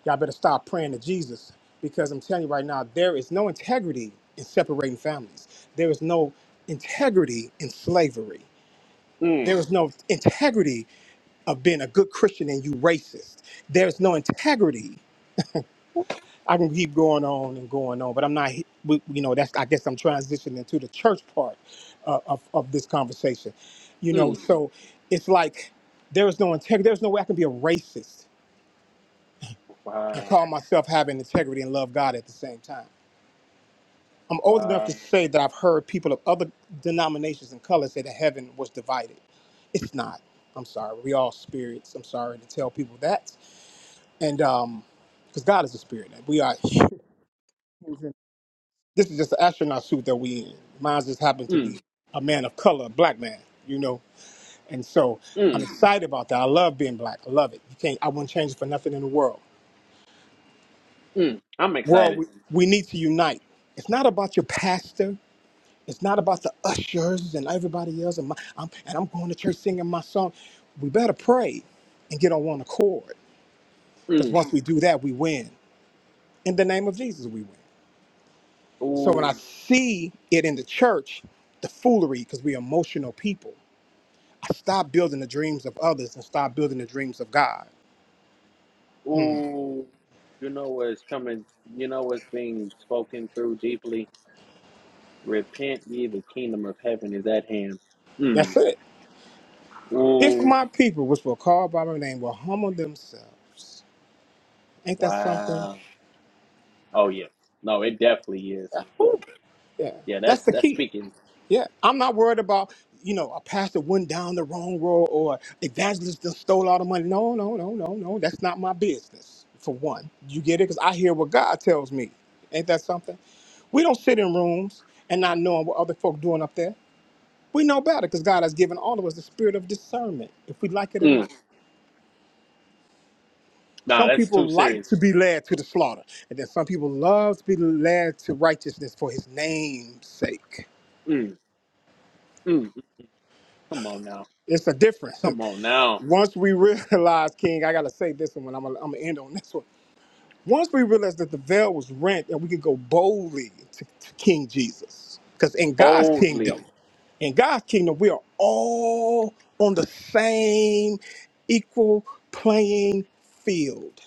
Y'all better stop praying to Jesus because I'm telling you right now, there is no integrity in separating families. There is no integrity in slavery. There Mm, is no integrity of being a good Christian and you racist. There's no integrity. I can keep going on and going on, but I'm not. he- we- You know, that's. I guess I'm transitioning to the church part uh, of of this conversation. You know, mm. so it's like there is no integrity. There's no way I can be a racist and Wow. call myself having integrity and love God at the same time. I'm old enough to Wow. say that I've heard people of other denominations and colors say that heaven was divided. It's not. I'm sorry. We all spirits. I'm sorry to tell people that. And um, because God is a spirit, we are humans. and This is just an astronaut suit that we in. Mine just happened to Mm, be a man of color, a black man. You know. And so I'm mm, excited about that. I love being black. I love it. You can't. I wouldn't change it for nothing in the world. mm. I'm World, excited. we, we need to unite. It's not about your pastor. It's not about the ushers and everybody else, and, my, I'm, and I'm going to church singing my song. We better pray and get on one accord, because Mm. once we do that, we win. In the name of Jesus, we win. So when I Ooh, see it in the church, the foolery, because we're emotional people, I stop building the dreams of others and start building the dreams of God. Hmm. ooh. You know what's coming. You know what's being spoken through deeply. Repent ye, the kingdom of heaven is at hand. Mm. That's it. If Ooh. my people, which were called by my name, will humble themselves, ain't that something? Wow. Oh yes. No, it definitely is. Yeah, Whew. yeah. Yeah, that's that's the that's key. speaking Yeah, I'm not worried about you know a pastor went down the wrong road or evangelist just stole all the money. No, no, no, no, no. That's not my business. For one, you get it because I hear what God tells me. Ain't that something? We don't sit in rooms and not knowing what other folk doing up there. We know better because God has given all of us the spirit of discernment, if we like it or Mm, not. nah, Some that's too people like serious. to be led to the slaughter, and then some people love to be led to righteousness for His name's sake. Mm, mm, come on now. It's a difference. Come on now. Once we realize, King, I gotta say this one. I'm gonna, I'm gonna end on this one. Once we realized that the veil was rent and we could go boldly to, to King Jesus, because in God's kingdom, Boldly. in God's kingdom, we are all on the same equal playing field.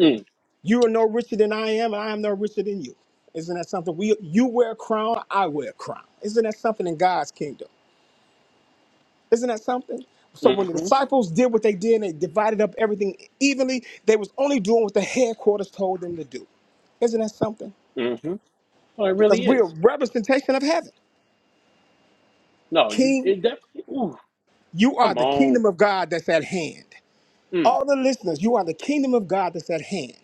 Mm, You are no richer than I am, and I am no richer than you. Isn't that something? We you wear a crown, I wear a crown. Isn't that something in God's kingdom? Isn't that something? So when the mm-hmm. disciples did what they did and they divided up everything evenly, they was only doing what the headquarters told them to do. Isn't that something? Mm-hmm. Oh, it Because really we're is. a representation of heaven. No, you King, it definitely ooh, you are come the on. kingdom of God that's at hand. Mm, All the listeners, you are the kingdom of God that's at hand.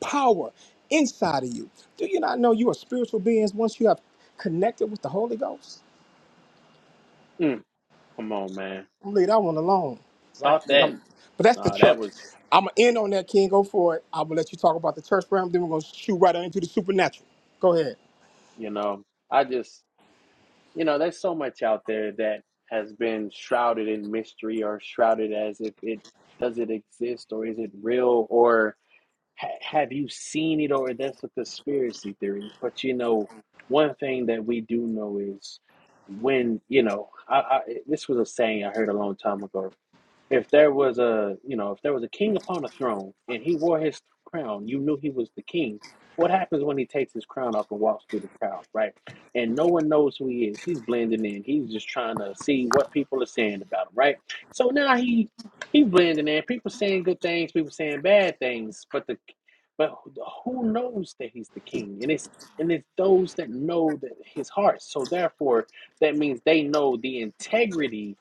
Power inside of you. Do you not know you are spiritual beings once you have connected with the Holy Ghost? mm, come on, man. I'm leave that one alone. Right? Talk that. Um, But that's the Nah, that church. was I'm gonna end on that, King. Go for it. I'm gonna let you talk about the church realm. Then we're gonna shoot right on into the supernatural. Go ahead. you know, I just you know, there's so much out there that has been shrouded in mystery or shrouded as if it does it exist or is it real ha- have you seen it or that's a conspiracy theory but you know one thing that we do know is when you know I, I this was a saying i heard a long time ago if there was a you know if there was a king upon a throne and he wore his crown you knew he was the king what happens when he takes his crown off and walks through the crowd right and no one knows who he is he's blending in he's just trying to see what people are saying about him right so now he he's blending in people saying good things people saying bad things but the but who knows that he's the king and it's and it's those that know that his heart so therefore that means they know the integrity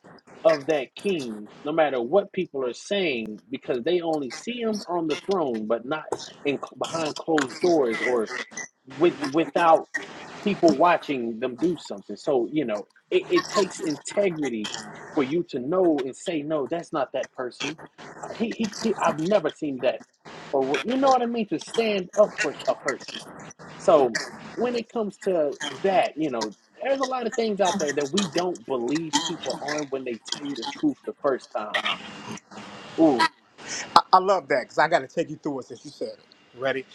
of that king, no matter what people are saying, because they only see him on the throne, but not in behind closed doors or with without people watching them do something. So you know, it, it takes integrity for you to know and say, no, that's not that person. He, he, he I've never seen that, or you know what I mean, to stand up for a person. So when it comes to that, you know, there's a lot of things out there that we don't believe people on when they tell you the truth the first time. Ooh, I, I love that because I got to take you through it since you said it. You ready?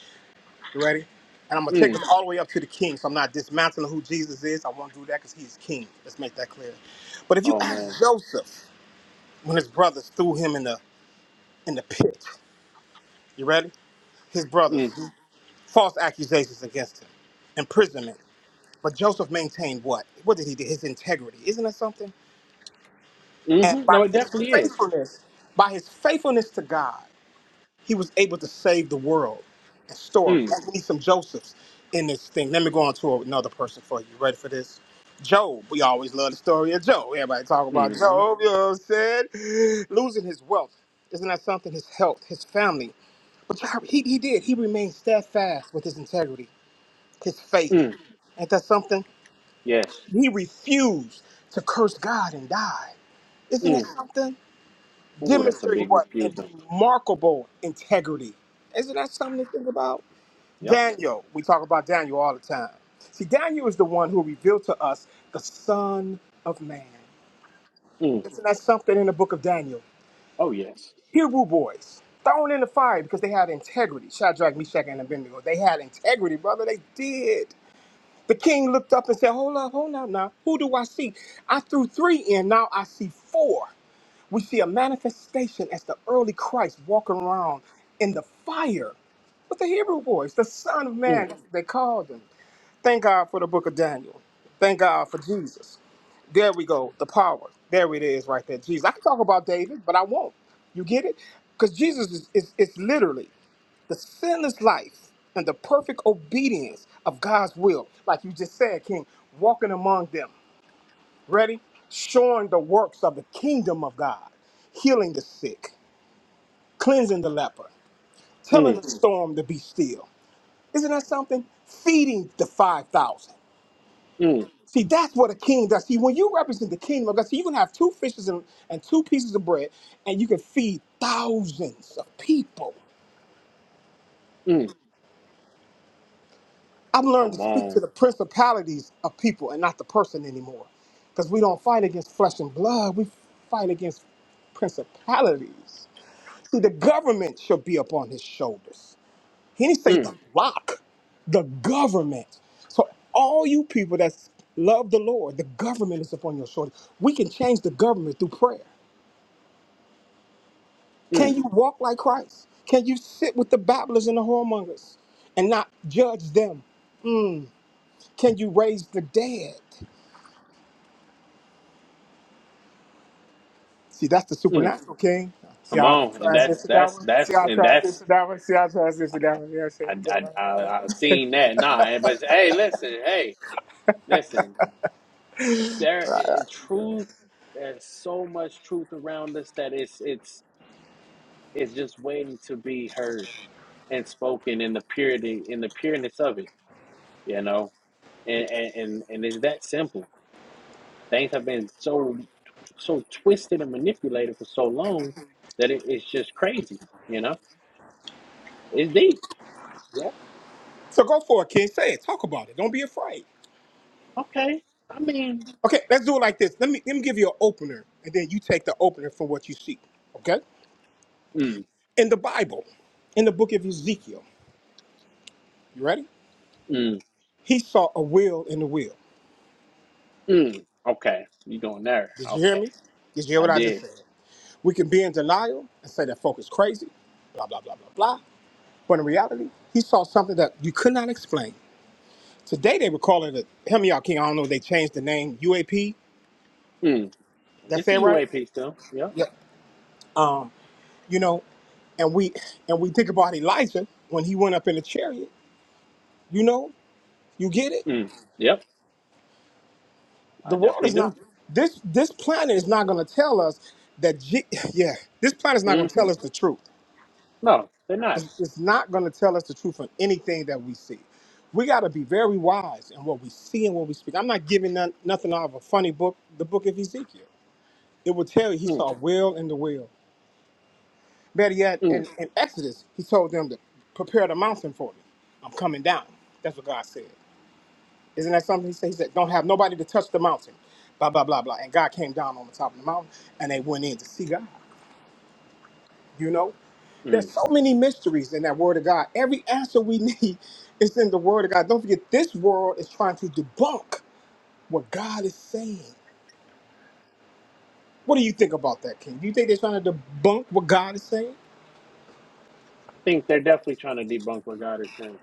You ready? And I'm gonna take mm, us all the way up to the King. So I'm not dismantling who Jesus is. I won't do that because He's King. Let's make that clear. But if you oh man, ask Joseph when his brothers threw him in the in the pit, you ready? His brothers, mm-hmm, false accusations against him, imprisonment. But Joseph maintained what? What did he do? His integrity. Isn't that something? And mm-hmm. by No, it his definitely is. faithfulness, by his faithfulness to God, he was able to save the world and store up. Mm, We need some Josephs in this thing. Let me go on to another person for you. Ready for this? Job. We always love the story of Job. Everybody talk about mm-hmm, Job, you know what I'm saying? Losing his wealth. Isn't that something? His health, his family. But Job, he, he did. He remained steadfast with his integrity, his faith. mm, Ain't that something? yes, He refused to curse God and die. Isn't that mm. something? Ooh, that's a Demonstrating big what? A refusal. remarkable integrity. Isn't that something to think about? Yep. Daniel, we talk about Daniel all the time. See, Daniel is the one who revealed to us the Son of Man. Mm, Isn't that something in the book of Daniel? oh yes. Hebrew boys thrown in the fire because they had integrity. Shadrach, Meshach, and Abednego. They had integrity, brother. They did. The king looked up and said, Hold up, hold up now. Who do I see? I threw three in, now I see four. We see a manifestation as the early Christ walking around in the fire with the Hebrew boys, the Son of Mm, Man, they called him. Thank God for the book of Daniel. Thank God for Jesus. There we go, the power. There it is right there, Jesus. I can talk about David, but I won't. You get it? Because Jesus is, is, is literally the sinless life and the perfect obedience of God's will, like you just said, King, walking among them. Ready? Showing the works of the kingdom of God, healing the sick, cleansing the leper, mm, telling the storm to be still. Isn't that something? Feeding the 5,000. mm, See, that's what a king does. See, when you represent the kingdom of God, see, you can have two fishes and, and two pieces of bread, and you can feed thousands of people. mm. I've learned to Come speak to on. the principalities of people and not the person anymore. Because we don't fight against flesh and blood, we fight against principalities. See, the government shall be upon his shoulders. He didn't say the Mm, rock, the government. So, all you people that love the Lord, the government is upon your shoulders. We can change the government through prayer. mm, Can you walk like Christ? Can you sit with the babblers and the whoremongers and not judge them? Can you raise the dead? See, that's the mm. supernatural king. See Come how I on. And that's transition that that's one? See that's how I and that's transition that one? See how I transition that one? You know what I'm saying? I Yeah. I I, I seen that. Nah, everybody's hey, listen, hey. Listen, There is truth. There's so much truth around us that it's it's it's just waiting to be heard and spoken in the purity in the pureness of it, you know. And and and, and it's that simple. Things have been so so twisted and manipulated for so long that it, it's just crazy, you know. It's deep. Yeah. So go for it, King. Say it. Talk about it. Don't be afraid. Okay, I mean, Okay, let's do it like this. Let me let me give you an opener, and then you take the opener from what you see. Okay? mm, In the Bible, in the book of Ezekiel, you ready? mm, He saw a wheel in the wheel. mm. Okay, you going there? Did you hear Okay, me? Did you hear I what I just did. said? We can be in denial and say that folk is crazy, blah, blah, blah, blah, blah. But in reality, he saw something that you could not explain. Today they were calling it help me out, King. I don't know. if They changed the name UAP. Mm. That's It's a it, right? UAP still. Yep. Yeah. Um, you know, and we and we think about Elijah when he went up in the chariot. You know, you get it. Mm. Yep. I The world definitely is do. not this. This planet is not going to tell us that. Je- yeah, this planet is not going to hmm tell us the truth. No, they're not. It's, it's not going to tell us the truth on anything that we see. We got to be very wise in what we see and what we speak. I'm not giving none, nothing out of a funny book. The book of Ezekiel. It will tell you he Mm, saw a will in the wheel. Better yet, mm, in, in Exodus, he told them to prepare the mountain for me. I'm coming down. That's what God said. Isn't that something he said? He said, don't have nobody to touch the mountain. Blah, blah, blah, blah. And God came down on the top of the mountain and they went in to see God. You know? There's mm. so many mysteries in that word of God. Every answer we need is in the word of God. Don't forget, this world is trying to debunk what God is saying. What do you think about that, King? Do you think they're trying to debunk what God is saying? I think they're definitely trying to debunk what God is saying.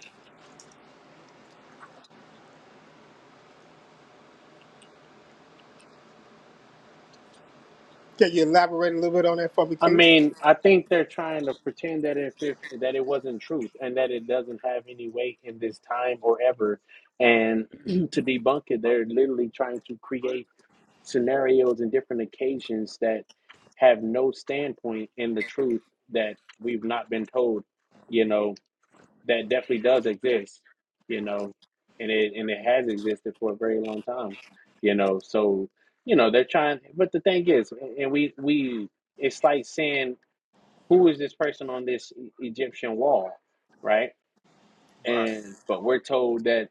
Can you elaborate a little bit on that for me, I King? mean, I think they're trying to pretend that if, if that it wasn't truth and that it doesn't have any weight in this time or ever, and to debunk it, they're literally trying to create scenarios and different occasions that have no standpoint in the truth that we've not been told. You know, that definitely does exist, you know, and it and it has existed for a very long time, you know. So, you know, they're trying, but the thing is, and we we it's like saying who is this person on this E- Egyptian wall, right? Right. And but we're told that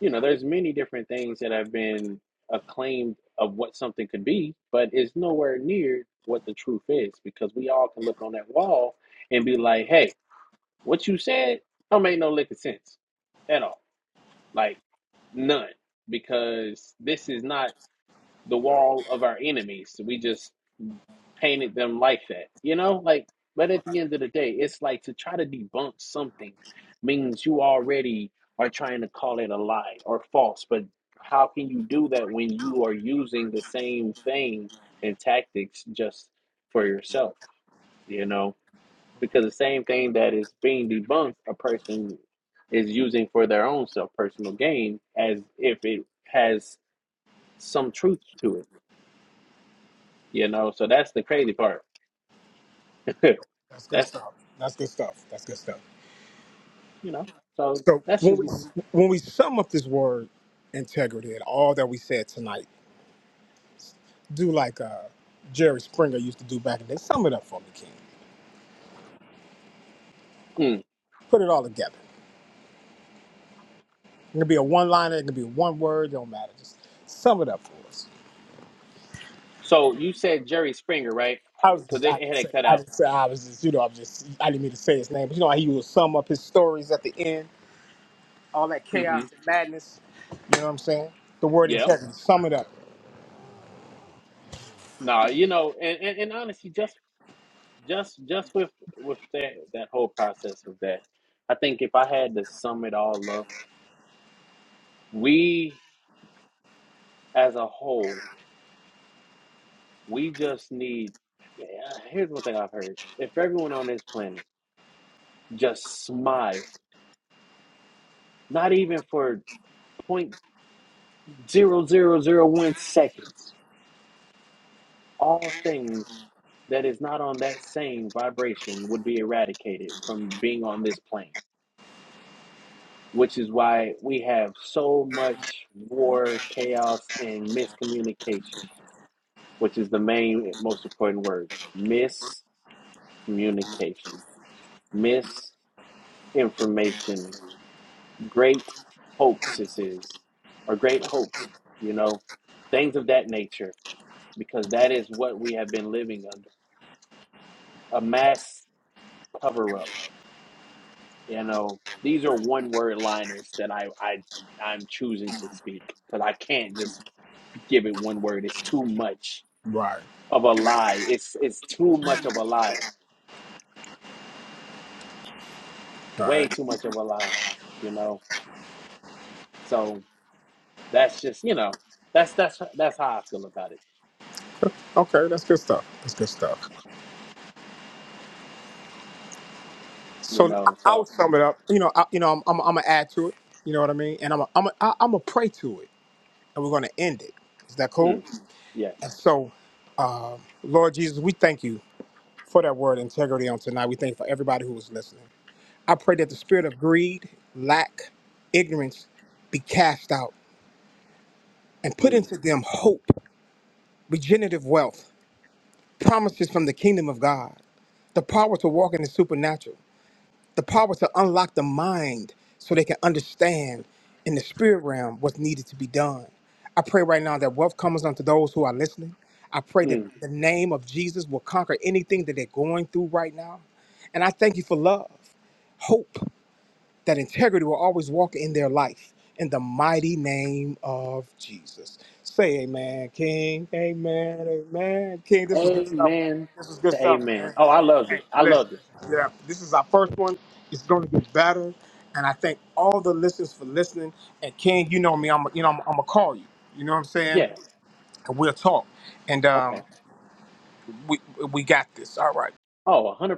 you know there's many different things that have been acclaimed of what something could be, but it's nowhere near what the truth is because we all can look on that wall and be like, hey what you said don't make no lick of sense at all. Like none. Because this is not the wall of our enemies. We just painted them like that. You know? Like but at the end of the day, it's like to try to debunk something means you already are trying to call it a lie or false. But how can you do that when you are using the same thing and tactics just for yourself? You know? because the same thing that is being debunked, a person is using for their own self personal gain as if it has some truth to it, you know. So that's the crazy part. That's good that's stuff. That's good stuff. That's good stuff. you know. So So that's when just we my. when we sum up this word integrity and all that we said tonight, do like uh, Jerry Springer used to do back in the day. Sum it up for me, King. Mm. Put it all together. It can be a one liner. It can be one word. Don't matter. Just sum it up for us. So you said Jerry Springer, right? I was Because just, I they didn't had say it cut I out. didn't say I was just you know I'm just I didn't mean to say his name, but you know how he would sum up his stories at the end, all that hmm chaos and madness. You know what I'm saying? The word Yeah. integrity. Sum it up. No, you know, and, and, and honestly, just just just with with that that whole process of that, I think if I had to sum it all up, we as a whole We just need. Here's one thing I've heard: if everyone on this planet just smile, not even for zero point zero zero zero one seconds, all things that is not on that same vibration would be eradicated from being on this plane. Which is why we have so much war, chaos, and miscommunication. Which is the main, most important word: miscommunication, misinformation great hoaxes or great hoax, you know, things of that nature, because that is what we have been living under a mass cover up. You know, these are one word liners that I, I, I'm choosing to speak because I can't just give it one word. It's too much Right. of a lie. It's, it's too much of a lie, Right. way too much of a lie, you know? So that's just, you know, that's, that's, that's how I feel about it, Okay, that's good stuff. That's good stuff. you So I- know? I'll So, sum it up. You know, I, you know, I'm, I'm, I'm gonna add to it. You know what I mean? And I'm, a, I'm, a, I- I'm gonna pray to it, and we're gonna end it. Is that cool? mm, And yes. so, um, Lord Jesus, we thank you for that word integrity on tonight. We thank you for everybody who was listening. I pray that the spirit of greed, lack, ignorance, be cast out and put Mm. into them hope, regenerative wealth, promises from the kingdom of God, the power to walk in the supernatural The power to unlock the mind so they can understand in the spirit realm what's needed to be done. I pray right now that wealth comes unto those who are listening. I pray that Mm. the name of Jesus will conquer anything that they're going through right now. And I thank you for love, hope that integrity will always walk in their life in the mighty name of Jesus. Say amen, King. Amen. Amen. King, this was good stuff, man. Amen This was good to stuff, amen. man. Oh, I loved Hey, it. I listen, loved it. listen. Yeah, this is our first one. It's going to get better. And I thank all the listeners for listening. And King, you know me. I'm, you know, I'm, I'm gonna call you. You know what I'm saying? Yeah. And we'll talk. And um, Okay. we we got this. All right. Oh, 100%.